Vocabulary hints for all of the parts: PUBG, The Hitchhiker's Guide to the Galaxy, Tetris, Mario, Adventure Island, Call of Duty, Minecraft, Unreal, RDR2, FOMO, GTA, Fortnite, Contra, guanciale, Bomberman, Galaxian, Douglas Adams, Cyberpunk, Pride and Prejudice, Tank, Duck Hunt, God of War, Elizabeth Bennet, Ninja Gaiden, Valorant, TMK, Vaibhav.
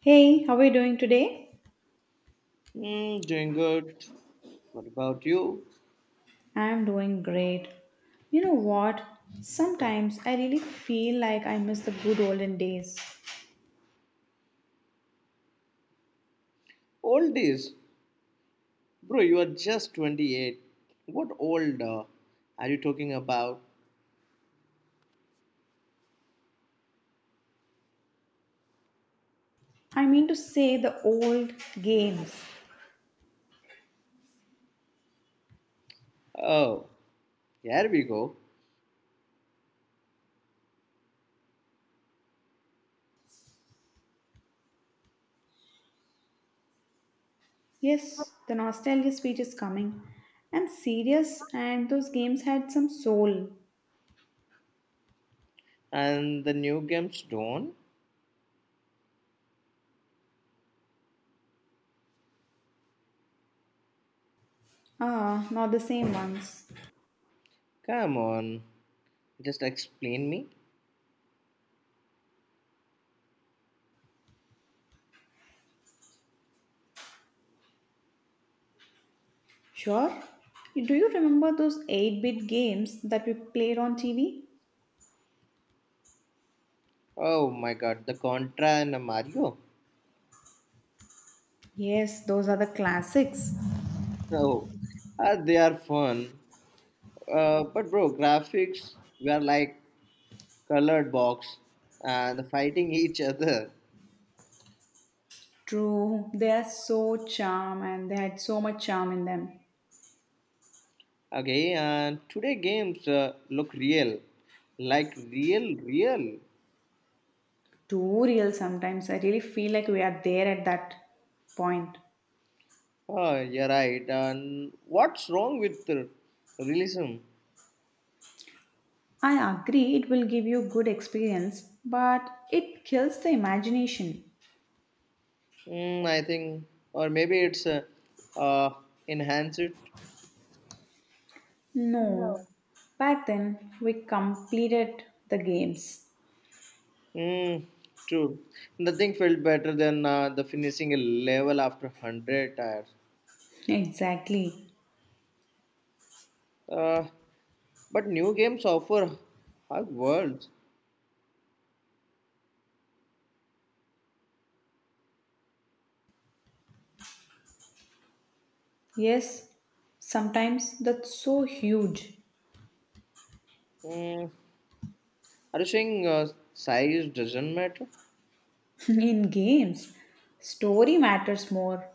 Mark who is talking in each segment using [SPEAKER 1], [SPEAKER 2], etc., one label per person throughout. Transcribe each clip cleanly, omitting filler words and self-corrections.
[SPEAKER 1] Hey, how are you doing today?
[SPEAKER 2] Mm, doing good. What about you?
[SPEAKER 1] I'm doing great. You know what? Sometimes I really feel like I miss the good olden days.
[SPEAKER 2] Old days. Bro, you are just 28. What old are you talking about?
[SPEAKER 1] I mean to say the old games.
[SPEAKER 2] Oh, here we go.
[SPEAKER 1] Yes, the nostalgia speech is coming. I'm serious, and those games had some soul.
[SPEAKER 2] And the new games don't?
[SPEAKER 1] Ah, not the same ones.
[SPEAKER 2] Come on. Just explain me.
[SPEAKER 1] Sure. Do you remember those 8 bit games that we played on TV?
[SPEAKER 2] Oh my god, the Contra and the Mario?
[SPEAKER 1] Yes, those are the classics.
[SPEAKER 2] Oh, they are fun. But bro, graphics were like colored box and fighting each other.
[SPEAKER 1] True, they are so charm and they had so much charm in them.
[SPEAKER 2] Okay, and today games look real, like real, real.
[SPEAKER 1] Too real sometimes. I really feel like we are there at that point.
[SPEAKER 2] Oh, you're right. And what's wrong with realism?
[SPEAKER 1] I agree it will give you good experience, but it kills the imagination.
[SPEAKER 2] Mm, I think, or maybe it's uh, enhance it.
[SPEAKER 1] No. Back then we completed the games.
[SPEAKER 2] Mm, true. Nothing felt better than the finishing a level after 100 tires.
[SPEAKER 1] Exactly.
[SPEAKER 2] Uh, but new games offer hug worlds.
[SPEAKER 1] Yes, sometimes that's so huge
[SPEAKER 2] Mm, are you saying size doesn't matter?
[SPEAKER 1] in games. Story matters more.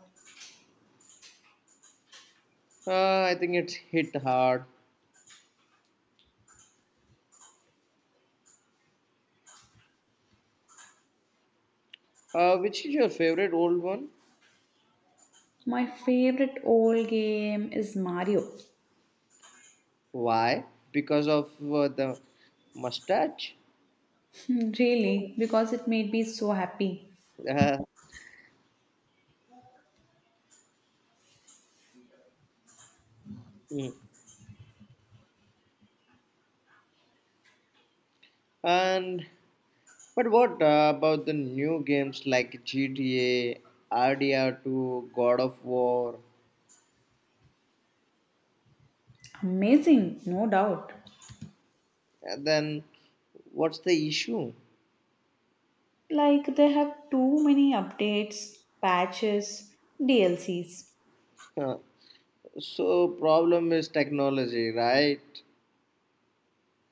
[SPEAKER 2] I think it's hit hard. Which is your favorite old one?
[SPEAKER 1] My favorite old game is Mario.
[SPEAKER 2] Why? Because of the mustache?
[SPEAKER 1] Hmm, really, because it made me so happy.
[SPEAKER 2] Uh, mm. and but what about the new games like GTA, RDR2, God of War?
[SPEAKER 1] Amazing, no doubt.
[SPEAKER 2] And then what's the issue?
[SPEAKER 1] Like they have too many updates, patches, DLCs.
[SPEAKER 2] Huh. So problem is technology, right?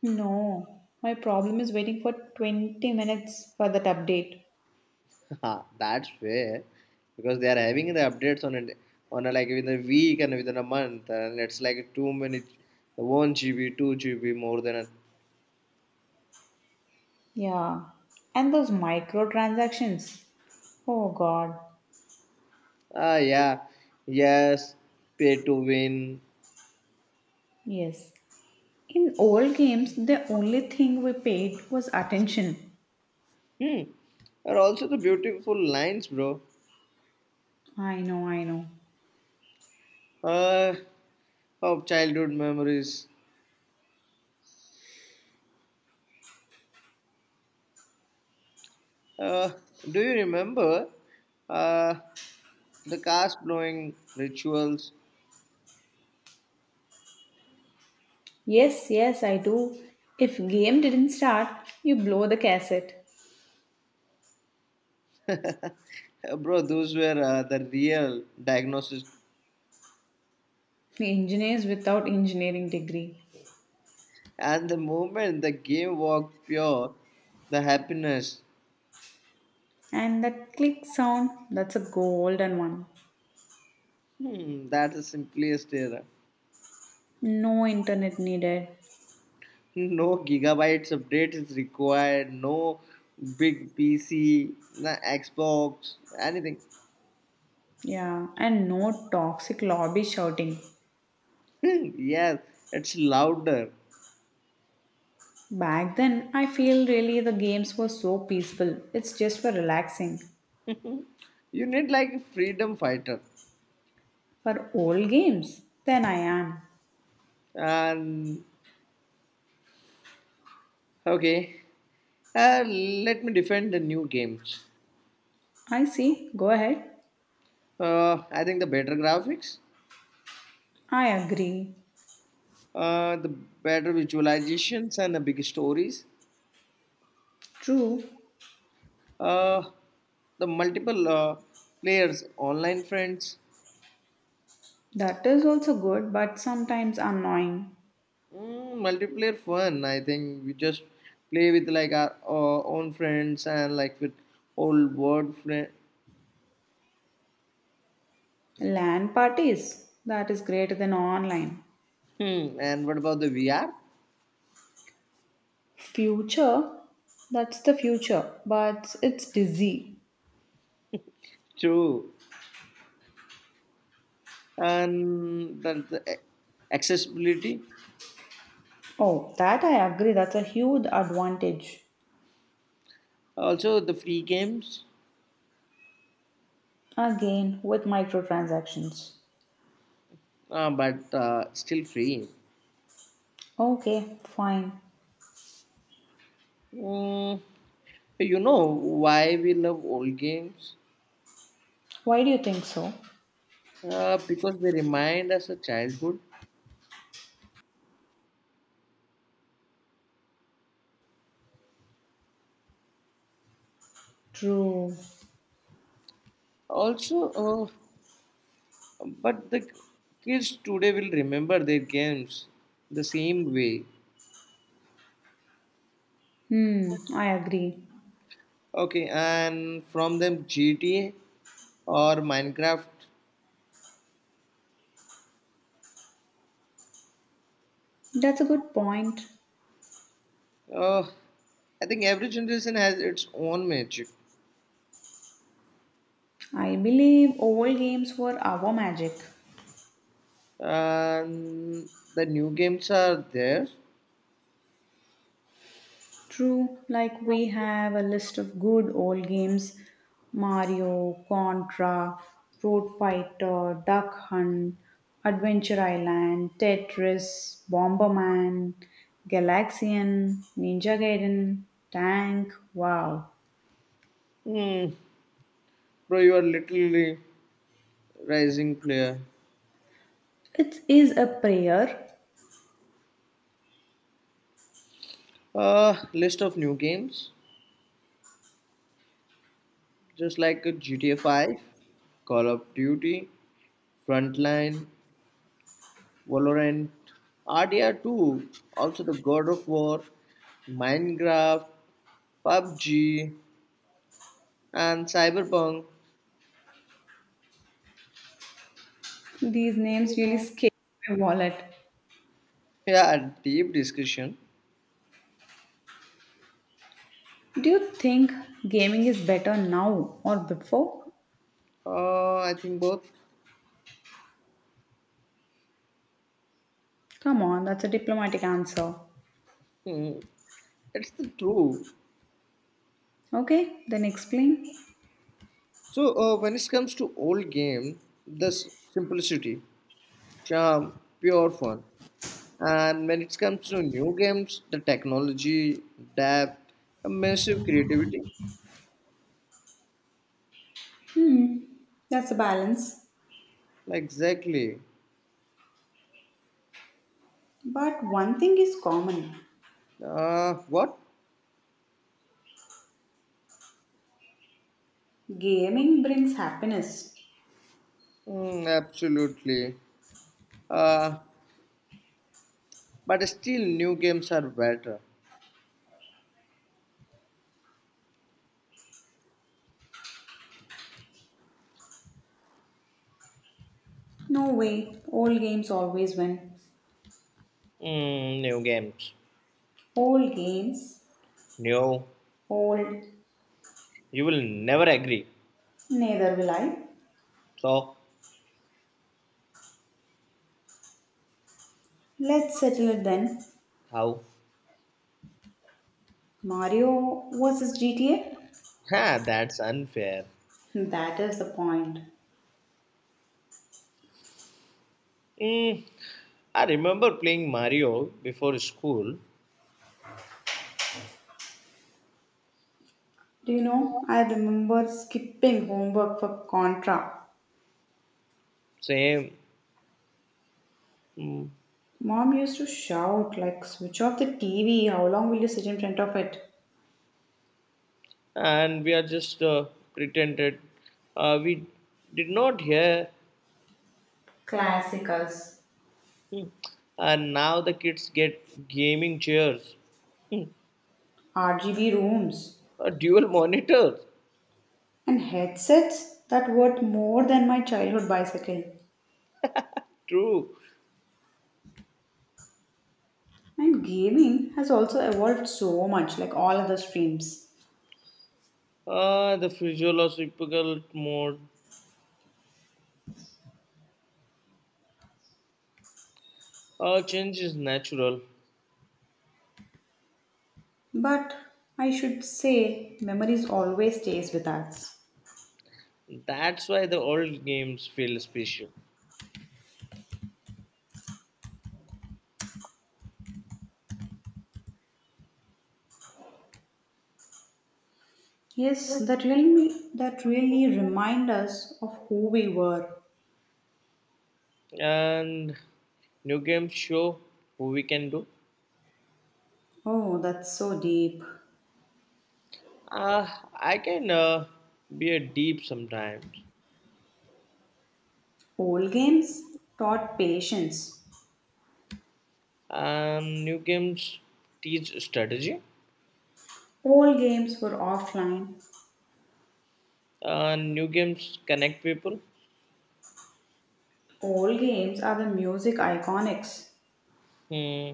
[SPEAKER 1] No, my problem is waiting for 20 minutes for that update.
[SPEAKER 2] Ah, that's fair because they are having the updates on it, on a, like within a week, and within a month, and it's like too many, 1 GB, 2 GB, more than a
[SPEAKER 1] Yeah, and those microtransactions. Oh god,
[SPEAKER 2] ah, yeah, yes, pay to win.
[SPEAKER 1] yes. In old games, the only thing we paid was attention.
[SPEAKER 2] Hmm. And also the beautiful lines, bro.
[SPEAKER 1] I know, I know.
[SPEAKER 2] uh of childhood memories. uh do you remember uh the cast blowing rituals?
[SPEAKER 1] Yes, yes, I do. If game didn't start, you blow the cassette.
[SPEAKER 2] Bro, those were the real diagnosis.
[SPEAKER 1] Engineers without engineering degree.
[SPEAKER 2] And the moment the game walked pure, the happiness.
[SPEAKER 1] And that click sound, that's a golden one.
[SPEAKER 2] Hmm, that's the simplest error.
[SPEAKER 1] No internet needed.
[SPEAKER 2] No gigabytes update is required. No big PC, no Xbox, anything.
[SPEAKER 1] Yeah, and no toxic lobby shouting.
[SPEAKER 2] Yes, it's louder.
[SPEAKER 1] Back then, I feel really the games were so peaceful. It's just for relaxing.
[SPEAKER 2] You need like a freedom fighter.
[SPEAKER 1] For old games, then I am.
[SPEAKER 2] And okay, let me defend the new games.
[SPEAKER 1] I see, go ahead.
[SPEAKER 2] I think the better graphics,
[SPEAKER 1] I agree.
[SPEAKER 2] the better visualizations, and the big stories.
[SPEAKER 1] True,
[SPEAKER 2] Uh, the multiple players, online friends.
[SPEAKER 1] that is also good, but sometimes annoying.
[SPEAKER 2] Mm, multiplayer fun. I think we just play with like our, own friends and like with old word friend.
[SPEAKER 1] LAN parties, that is greater than online.
[SPEAKER 2] Hmm. And what about the VR?
[SPEAKER 1] Future, that's the future, but it's busy.
[SPEAKER 2] True. And the accessibility.
[SPEAKER 1] Oh, that I agree, that's a huge advantage.
[SPEAKER 2] Also the free games,
[SPEAKER 1] Again, with microtransactions.
[SPEAKER 2] But still free.
[SPEAKER 1] Okay, fine.
[SPEAKER 2] Mm, you know why we love old games?
[SPEAKER 1] Why do you think so?
[SPEAKER 2] Because they remind us of childhood.
[SPEAKER 1] True.
[SPEAKER 2] Also, but the kids today will remember their games the same way.
[SPEAKER 1] Hmm, I agree.
[SPEAKER 2] Okay, and from them GTA or Minecraft.
[SPEAKER 1] That's a good point.
[SPEAKER 2] Uh, I think every generation has its own magic,
[SPEAKER 1] I believe old games were our magic.
[SPEAKER 2] and the new games are there.
[SPEAKER 1] True, like we have a list of good old games: Mario, Contra, Road Fighter, Duck Hunt, Adventure Island, Tetris, Bomberman, Galaxian, Ninja Gaiden, Tank. Wow.
[SPEAKER 2] Hmm, bro, you are literally rising player.
[SPEAKER 1] It is a prayer.
[SPEAKER 2] List of new games, just like a GTA 5, Call of Duty, Frontline, Valorant, RDR2, also the God of War, Minecraft, PUBG, and Cyberpunk.
[SPEAKER 1] These names really scare my wallet.
[SPEAKER 2] Yeah, a deep discussion.
[SPEAKER 1] Do you think gaming is better now or before?
[SPEAKER 2] I think both.
[SPEAKER 1] Come on, that's a diplomatic answer.
[SPEAKER 2] Hmm, it's the true.
[SPEAKER 1] Okay, then explain.
[SPEAKER 2] So, when it comes to old game, the simplicity, charm, pure fun. And when it comes to new games, the technology, depth, immersive creativity.
[SPEAKER 1] Hmm, that's a balance.
[SPEAKER 2] Exactly.
[SPEAKER 1] But one thing is common:
[SPEAKER 2] What?
[SPEAKER 1] gaming brings happiness.
[SPEAKER 2] Mm, absolutely. Uh, but still, new games are better.
[SPEAKER 1] No way, old games always win.
[SPEAKER 2] Mm, new games.
[SPEAKER 1] Old games,
[SPEAKER 2] No,
[SPEAKER 1] old,
[SPEAKER 2] you will never agree.
[SPEAKER 1] neither will I.
[SPEAKER 2] So,
[SPEAKER 1] Let's settle it then.
[SPEAKER 2] how?
[SPEAKER 1] Mario versus GTA?
[SPEAKER 2] Ha, that's unfair.
[SPEAKER 1] That is the point.
[SPEAKER 2] Mm, I remember playing Mario before school.
[SPEAKER 1] Do you know, I remember skipping homework for Contra.
[SPEAKER 2] Same. Mm,
[SPEAKER 1] Mom used to shout, like, switch off the TV, how long will you sit in front of it?
[SPEAKER 2] and we are just pretended. We did not hear.
[SPEAKER 1] Classicals.
[SPEAKER 2] Hmm. And now the kids get gaming chairs. Hmm.
[SPEAKER 1] RGB rooms.
[SPEAKER 2] A dual monitor.
[SPEAKER 1] And headsets that worth more than my childhood bicycle.
[SPEAKER 2] True.
[SPEAKER 1] And gaming has also evolved so much, like all other streams.
[SPEAKER 2] The physiological mode change is natural.
[SPEAKER 1] But I should say, memories always stays with us.
[SPEAKER 2] That's why the old games feel special.
[SPEAKER 1] Yes, that really remind us of who we were.
[SPEAKER 2] And new games show who we can do.
[SPEAKER 1] Oh, that's so deep.
[SPEAKER 2] Uh, I can be a deep sometimes.
[SPEAKER 1] Old games taught patience.
[SPEAKER 2] And new games teach strategy.
[SPEAKER 1] Old games were offline.
[SPEAKER 2] And new games connect people.
[SPEAKER 1] Old games are the music iconics.
[SPEAKER 2] Hmm.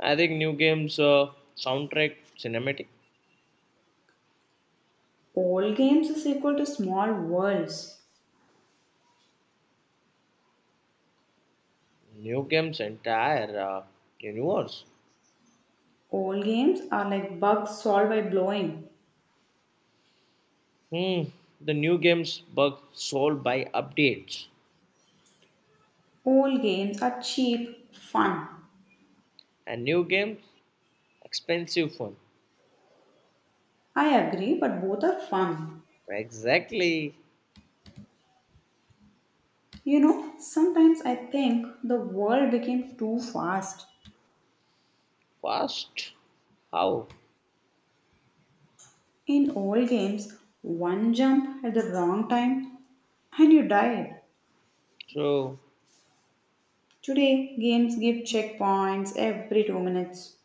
[SPEAKER 2] I think new games soundtrack cinematic.
[SPEAKER 1] Old games is equal to small worlds.
[SPEAKER 2] New games entire universe.
[SPEAKER 1] Old games are like bugs solved by blowing.
[SPEAKER 2] Hmm, the new games bug solved by updates.
[SPEAKER 1] Old games are cheap, fun.
[SPEAKER 2] And new games, expensive fun.
[SPEAKER 1] I agree, but both are fun.
[SPEAKER 2] Exactly.
[SPEAKER 1] You know, sometimes I think the world became too fast.
[SPEAKER 2] Fast. How?
[SPEAKER 1] In old games, one jump at the wrong time and you died.
[SPEAKER 2] So,
[SPEAKER 1] Today, games give checkpoints every 2 minutes.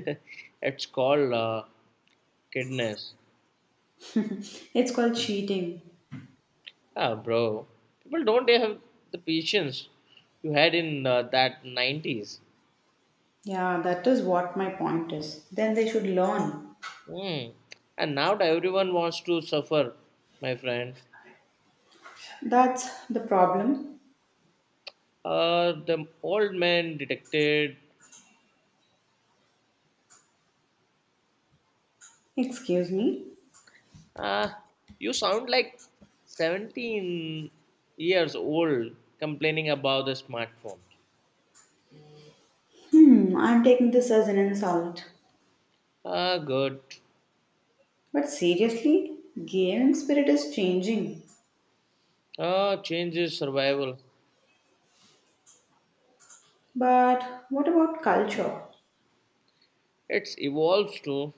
[SPEAKER 2] it's called kidness.
[SPEAKER 1] It's called cheating.
[SPEAKER 2] Ah, bro. People don't have the patience you had in that 90s.
[SPEAKER 1] Yeah, that is what my point is. Then they should learn.
[SPEAKER 2] Hmm. And now everyone wants to suffer, my friend.
[SPEAKER 1] That's the problem.
[SPEAKER 2] The old man detected.
[SPEAKER 1] Excuse me.
[SPEAKER 2] Uh, you sound like 17 years old complaining about the smartphone.
[SPEAKER 1] Hmm, I'm taking this as an insult.
[SPEAKER 2] Ah, good.
[SPEAKER 1] But seriously, gaming spirit is changing.
[SPEAKER 2] Ah, change is survival.
[SPEAKER 1] But what about culture?
[SPEAKER 2] It's evolves too.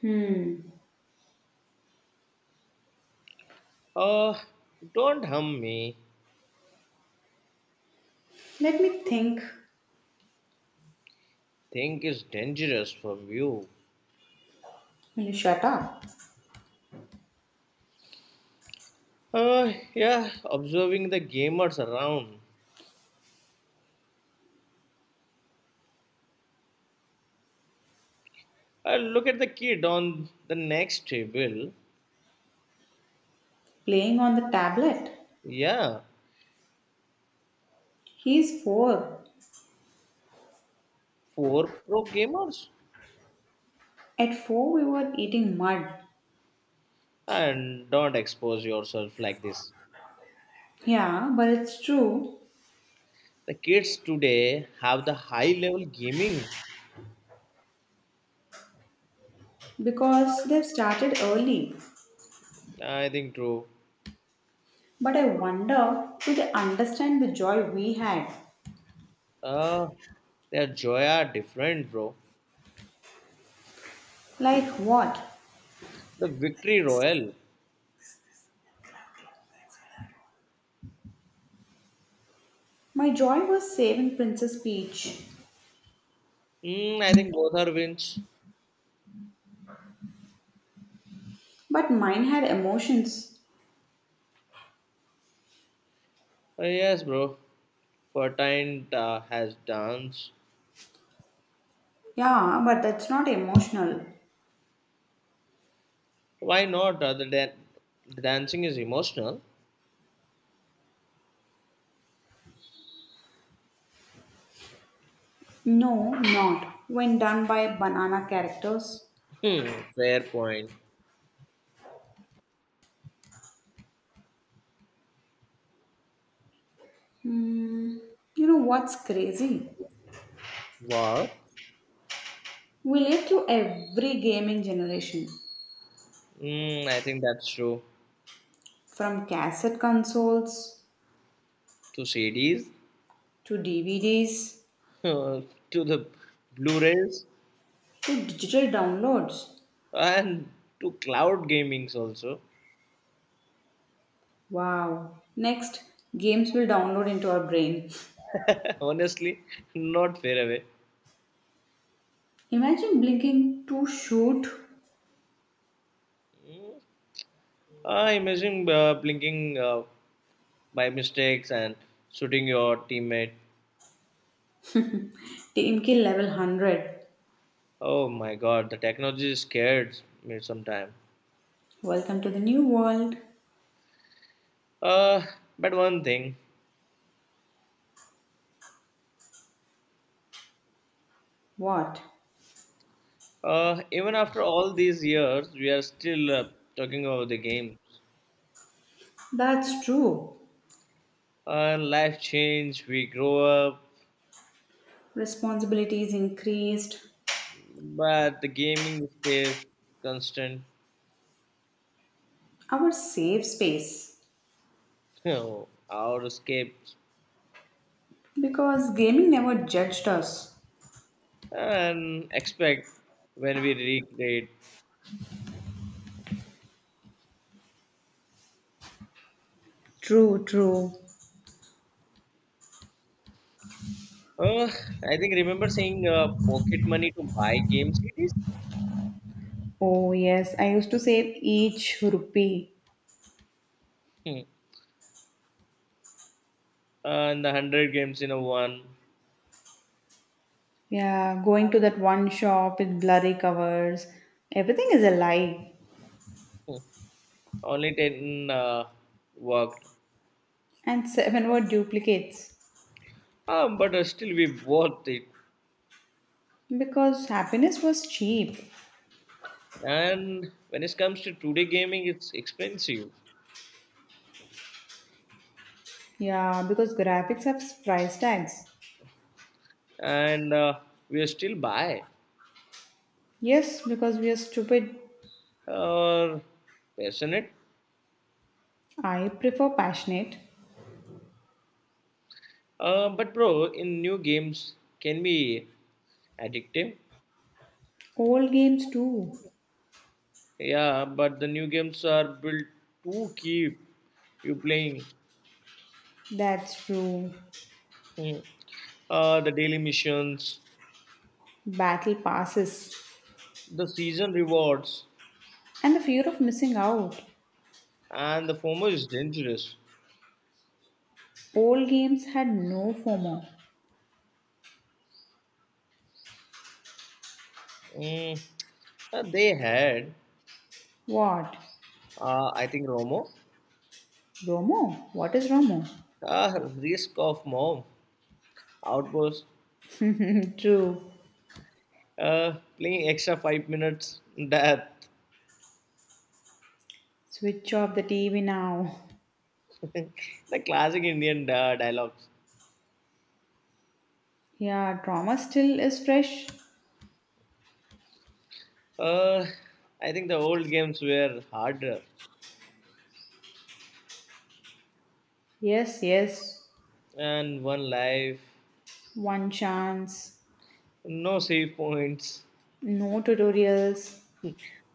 [SPEAKER 1] Hmm,
[SPEAKER 2] Ah, don't hum me.
[SPEAKER 1] let me think.
[SPEAKER 2] Think is dangerous from you.
[SPEAKER 1] Will you shut up?
[SPEAKER 2] Ah, yeah, observing the gamers around. Ah, look at the kid on the next table.
[SPEAKER 1] Playing on the tablet?
[SPEAKER 2] Yeah,
[SPEAKER 1] He's four.
[SPEAKER 2] four pro gamers.
[SPEAKER 1] At four, we were eating mud.
[SPEAKER 2] And don't expose yourself like this.
[SPEAKER 1] Yeah, but it's true
[SPEAKER 2] The kids today have the high level gaming.
[SPEAKER 1] because they've started early.
[SPEAKER 2] I think true.
[SPEAKER 1] But I wonder, do they understand the joy we had?
[SPEAKER 2] Uh, their joy are different, bro.
[SPEAKER 1] Like what?
[SPEAKER 2] The victory royal.
[SPEAKER 1] My joy was saving Princess Peach,
[SPEAKER 2] Mm, I think both are wins.
[SPEAKER 1] but mine had emotions.
[SPEAKER 2] Yes, bro. Fortnite has dance.
[SPEAKER 1] Yeah, but that's not emotional.
[SPEAKER 2] Why not? The dancing is emotional.
[SPEAKER 1] No, not when done by banana characters.
[SPEAKER 2] Hmm, fair point.
[SPEAKER 1] Hmm, you know what's crazy?
[SPEAKER 2] Wow.
[SPEAKER 1] We live through every gaming generation
[SPEAKER 2] Mm, I think that's true.
[SPEAKER 1] from cassette consoles
[SPEAKER 2] To CDs,
[SPEAKER 1] to DVDs
[SPEAKER 2] to the Blu-rays,
[SPEAKER 1] to digital downloads.
[SPEAKER 2] and to cloud gamings also.
[SPEAKER 1] Wow. Next, games will download into our brain.
[SPEAKER 2] Honestly, not fair, away.
[SPEAKER 1] Imagine blinking to shoot
[SPEAKER 2] Mm, I imagine blinking by mistakes and shooting your teammate.
[SPEAKER 1] TMK level 100.
[SPEAKER 2] Oh my god, the technology scares me sometime.
[SPEAKER 1] Welcome to the new world.
[SPEAKER 2] Uh, but one thing,
[SPEAKER 1] What?
[SPEAKER 2] even after all these years, we are still talking about the games.
[SPEAKER 1] That's true.
[SPEAKER 2] Life change, we grow up,
[SPEAKER 1] Responsibilities increased,
[SPEAKER 2] but the gaming stays constant.
[SPEAKER 1] our safe space.
[SPEAKER 2] Oh, our escapes
[SPEAKER 1] Because gaming never judged us.
[SPEAKER 2] and expect when we recreate.
[SPEAKER 1] True, true.
[SPEAKER 2] Uh, I think remember saying pocket money to buy game CDs.
[SPEAKER 1] Oh, yes. I used to save each rupee.
[SPEAKER 2] Hmm, and the 100 games in a one.
[SPEAKER 1] Yeah, going to that one shop with blurry covers. Everything is a lie.
[SPEAKER 2] Hmm. Only 10 worked.
[SPEAKER 1] And seven were duplicates.
[SPEAKER 2] But still we bought it.
[SPEAKER 1] Because happiness was cheap.
[SPEAKER 2] And when it comes to today gaming, it's expensive.
[SPEAKER 1] Yeah, because graphics have price tags.
[SPEAKER 2] And we are still buy
[SPEAKER 1] Yes, because we are stupid.
[SPEAKER 2] or passionate.
[SPEAKER 1] I prefer passionate.
[SPEAKER 2] But bro, in new games can be addictive.
[SPEAKER 1] Old games too.
[SPEAKER 2] Yeah, but the new games are built to keep you playing.
[SPEAKER 1] That's true.
[SPEAKER 2] Mhm. The daily missions,
[SPEAKER 1] Battle passes.
[SPEAKER 2] the season rewards,
[SPEAKER 1] And the fear of missing out.
[SPEAKER 2] and the FOMO is dangerous.
[SPEAKER 1] Old games had no FOMO.
[SPEAKER 2] Mm, they had,
[SPEAKER 1] What?
[SPEAKER 2] I think, Romo,
[SPEAKER 1] Romo? What is Romo?
[SPEAKER 2] uh, risk of mom outburst,
[SPEAKER 1] True.
[SPEAKER 2] playing extra 5 minutes, death.
[SPEAKER 1] Switch off the TV now.
[SPEAKER 2] The classic Indian dialogues.
[SPEAKER 1] Yeah, drama still is fresh.
[SPEAKER 2] Uh, I think the old games were harder,
[SPEAKER 1] Yes, yes.
[SPEAKER 2] and one life,
[SPEAKER 1] One chance.
[SPEAKER 2] no save points,
[SPEAKER 1] No tutorials.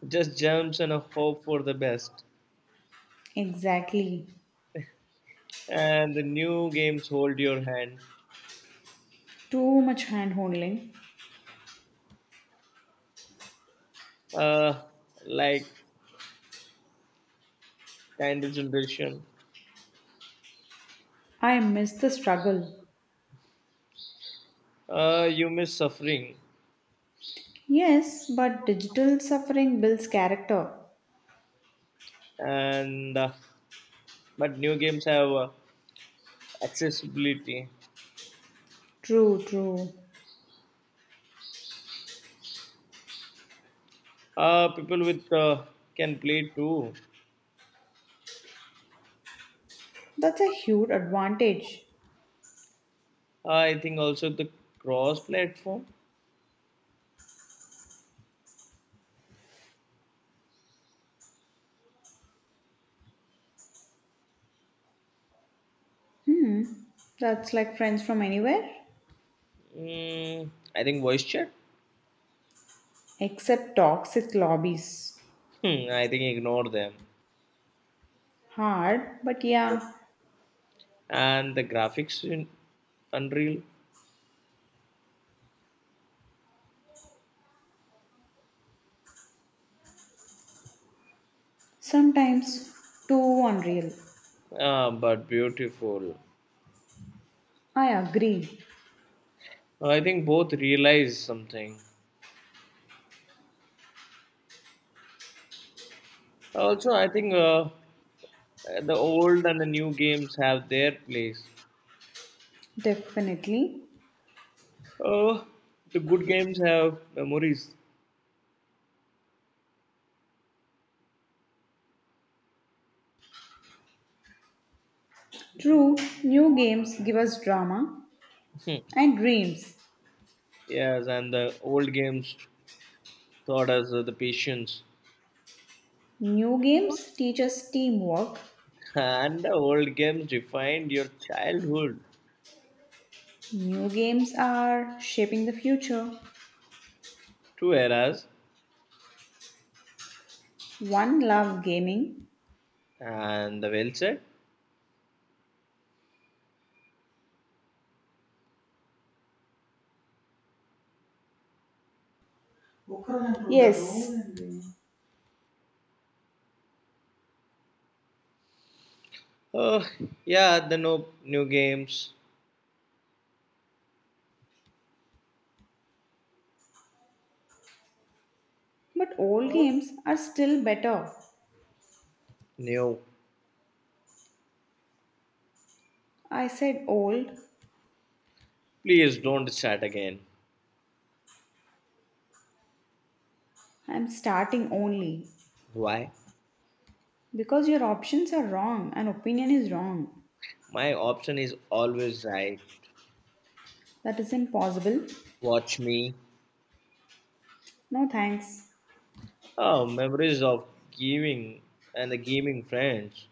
[SPEAKER 2] just jumps and a hope for the best.
[SPEAKER 1] Exactly.
[SPEAKER 2] And the new games hold your hand,
[SPEAKER 1] Too much hand holding.
[SPEAKER 2] uh, like kind of generation.
[SPEAKER 1] I miss the struggle.
[SPEAKER 2] You miss suffering.
[SPEAKER 1] Yes, but digital suffering builds character.
[SPEAKER 2] And uh, but new games have accessibility.
[SPEAKER 1] True, true.
[SPEAKER 2] People with can play too.
[SPEAKER 1] That's a huge advantage.
[SPEAKER 2] I think also the cross platform.
[SPEAKER 1] Hmm. That's like friends from anywhere?
[SPEAKER 2] Mm, I think voice chat.
[SPEAKER 1] Except toxic lobbies.
[SPEAKER 2] Hmm, I think ignore them.
[SPEAKER 1] Hard, but yeah,
[SPEAKER 2] And the graphics in unreal,
[SPEAKER 1] sometimes too unreal.
[SPEAKER 2] but beautiful.
[SPEAKER 1] I agree.
[SPEAKER 2] I think both realize something. Also, I think the old and the new games have their place.
[SPEAKER 1] Definitely.
[SPEAKER 2] Uh, the good games have memories.
[SPEAKER 1] True, new games give us drama
[SPEAKER 2] Hmm.
[SPEAKER 1] and dreams.
[SPEAKER 2] Yes, and the old games taught us the patience.
[SPEAKER 1] New games teach us teamwork.
[SPEAKER 2] And the old games defined your childhood.
[SPEAKER 1] New games are shaping the future.
[SPEAKER 2] Two eras,
[SPEAKER 1] One love gaming.
[SPEAKER 2] and the well said.
[SPEAKER 1] Yes,
[SPEAKER 2] Oh, yeah, the no new games.
[SPEAKER 1] but old games are still better.
[SPEAKER 2] New.
[SPEAKER 1] I said old.
[SPEAKER 2] Please don't start again.
[SPEAKER 1] I'm starting only.
[SPEAKER 2] Why?
[SPEAKER 1] Because your options are wrong and opinion is wrong.
[SPEAKER 2] My option is always right.
[SPEAKER 1] That is impossible.
[SPEAKER 2] Watch me.
[SPEAKER 1] No thanks.
[SPEAKER 2] Oh, memories of gaming and the gaming friends.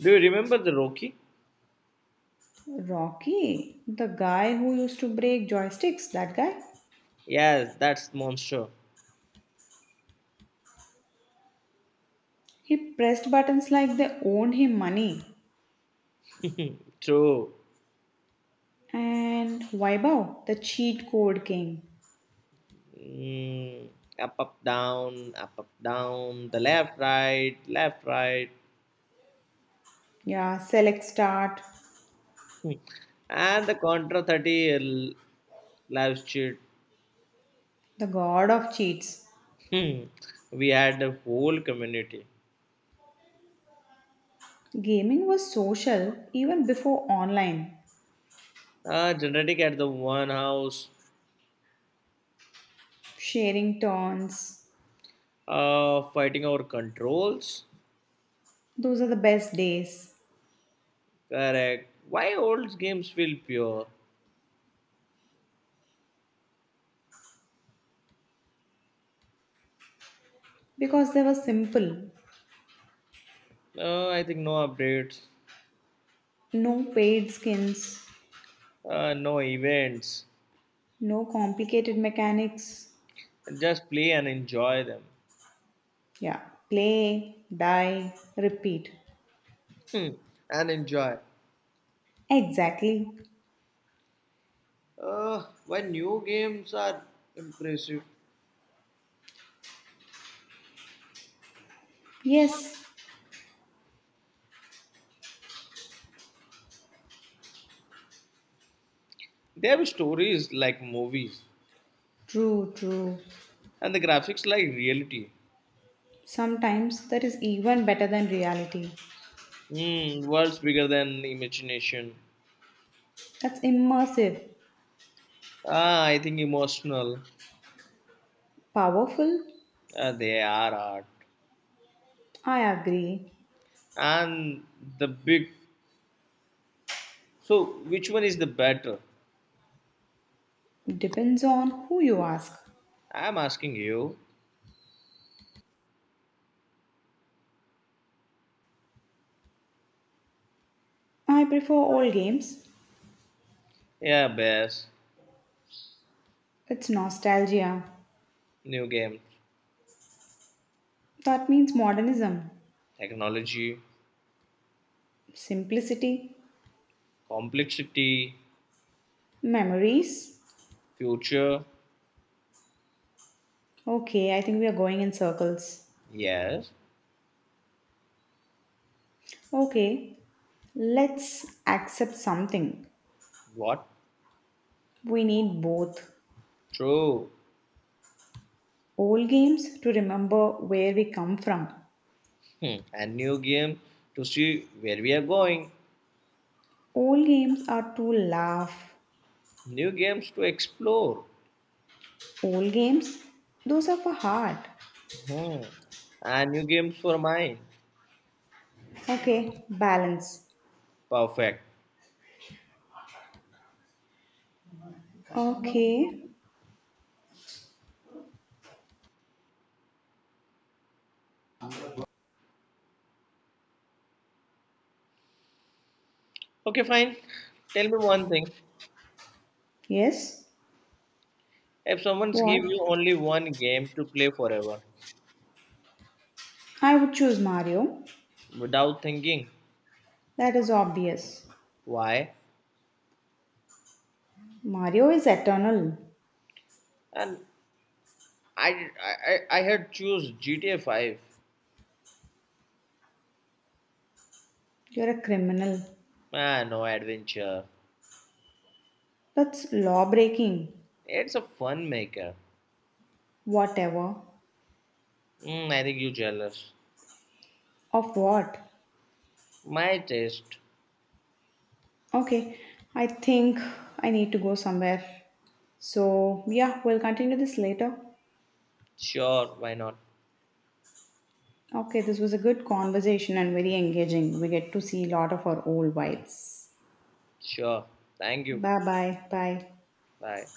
[SPEAKER 2] Do you remember the Rocky?
[SPEAKER 1] Rocky, the guy who used to break joysticks, that guy,
[SPEAKER 2] Yes, that's monster.
[SPEAKER 1] he pressed buttons like they owned him money.
[SPEAKER 2] True.
[SPEAKER 1] And Vaibhav, the cheat code king.
[SPEAKER 2] Mm, up, up, down, up, up, down. The left, right, left, right.
[SPEAKER 1] Yeah, select start,
[SPEAKER 2] Hmm. And the Contra 30 live stream.
[SPEAKER 1] the god of cheats.
[SPEAKER 2] Hmm. We had the whole community.
[SPEAKER 1] Gaming was social even before online.
[SPEAKER 2] Genetic at the one house.
[SPEAKER 1] Sharing turns,
[SPEAKER 2] Fighting over controls.
[SPEAKER 1] those are the best days
[SPEAKER 2] Correct. Why old games feel pure?
[SPEAKER 1] because they were simple.
[SPEAKER 2] I think no updates,
[SPEAKER 1] No paid skins,
[SPEAKER 2] no events.
[SPEAKER 1] no complicated mechanics.
[SPEAKER 2] Just play and enjoy them.
[SPEAKER 1] Yeah. Play, die, repeat.
[SPEAKER 2] Hmm, and enjoy.
[SPEAKER 1] Exactly.
[SPEAKER 2] Why new games are impressive?
[SPEAKER 1] Yes.
[SPEAKER 2] They have stories like movies,
[SPEAKER 1] True, true.
[SPEAKER 2] and the graphics like reality.
[SPEAKER 1] Sometimes that is even better than reality.
[SPEAKER 2] Hmm, worlds bigger than imagination.
[SPEAKER 1] That's immersive.
[SPEAKER 2] Ah, I think emotional.
[SPEAKER 1] Powerful?
[SPEAKER 2] They are art.
[SPEAKER 1] I agree.
[SPEAKER 2] And the big. So, which one is the better?
[SPEAKER 1] Depends on who you ask.
[SPEAKER 2] I'm asking you.
[SPEAKER 1] I prefer old games.
[SPEAKER 2] Yeah, best.
[SPEAKER 1] It's nostalgia.
[SPEAKER 2] New game,
[SPEAKER 1] That means modernism.
[SPEAKER 2] technology.
[SPEAKER 1] Simplicity.
[SPEAKER 2] Complexity,
[SPEAKER 1] Memories.
[SPEAKER 2] future,
[SPEAKER 1] Okay, I think we are going in circles.
[SPEAKER 2] yes,
[SPEAKER 1] Okay, let's accept something.
[SPEAKER 2] what?
[SPEAKER 1] We need both.
[SPEAKER 2] True.
[SPEAKER 1] Old games to remember where we come from.
[SPEAKER 2] Hmm, and new game to see where we are going.
[SPEAKER 1] Old games are to laugh.
[SPEAKER 2] New games to explore.
[SPEAKER 1] Old games, those are for heart.
[SPEAKER 2] Hmm. And new games for mine.
[SPEAKER 1] Okay, balance.
[SPEAKER 2] Perfect.
[SPEAKER 1] Okay,
[SPEAKER 2] Okay, fine. Tell me one thing.
[SPEAKER 1] yes.
[SPEAKER 2] If someone's give
[SPEAKER 1] What?
[SPEAKER 2] you only one game to play forever,
[SPEAKER 1] I would choose Mario.
[SPEAKER 2] without thinking,
[SPEAKER 1] That is obvious.
[SPEAKER 2] why?
[SPEAKER 1] Mario is eternal.
[SPEAKER 2] And I had choose GTA 5.
[SPEAKER 1] You're a criminal.
[SPEAKER 2] Ah, no adventure.
[SPEAKER 1] That's law breaking.
[SPEAKER 2] It's a fun maker.
[SPEAKER 1] Whatever.
[SPEAKER 2] Mm, I think you jealous.
[SPEAKER 1] Of what?
[SPEAKER 2] My taste.
[SPEAKER 1] Okay, I think I need to go somewhere. So, yeah, we'll continue this later.
[SPEAKER 2] Sure, why not?
[SPEAKER 1] Okay, this was a good conversation and very engaging. We get to see a lot of our old vibes.
[SPEAKER 2] Sure. Thank you.
[SPEAKER 1] Bye bye. Bye.
[SPEAKER 2] Bye.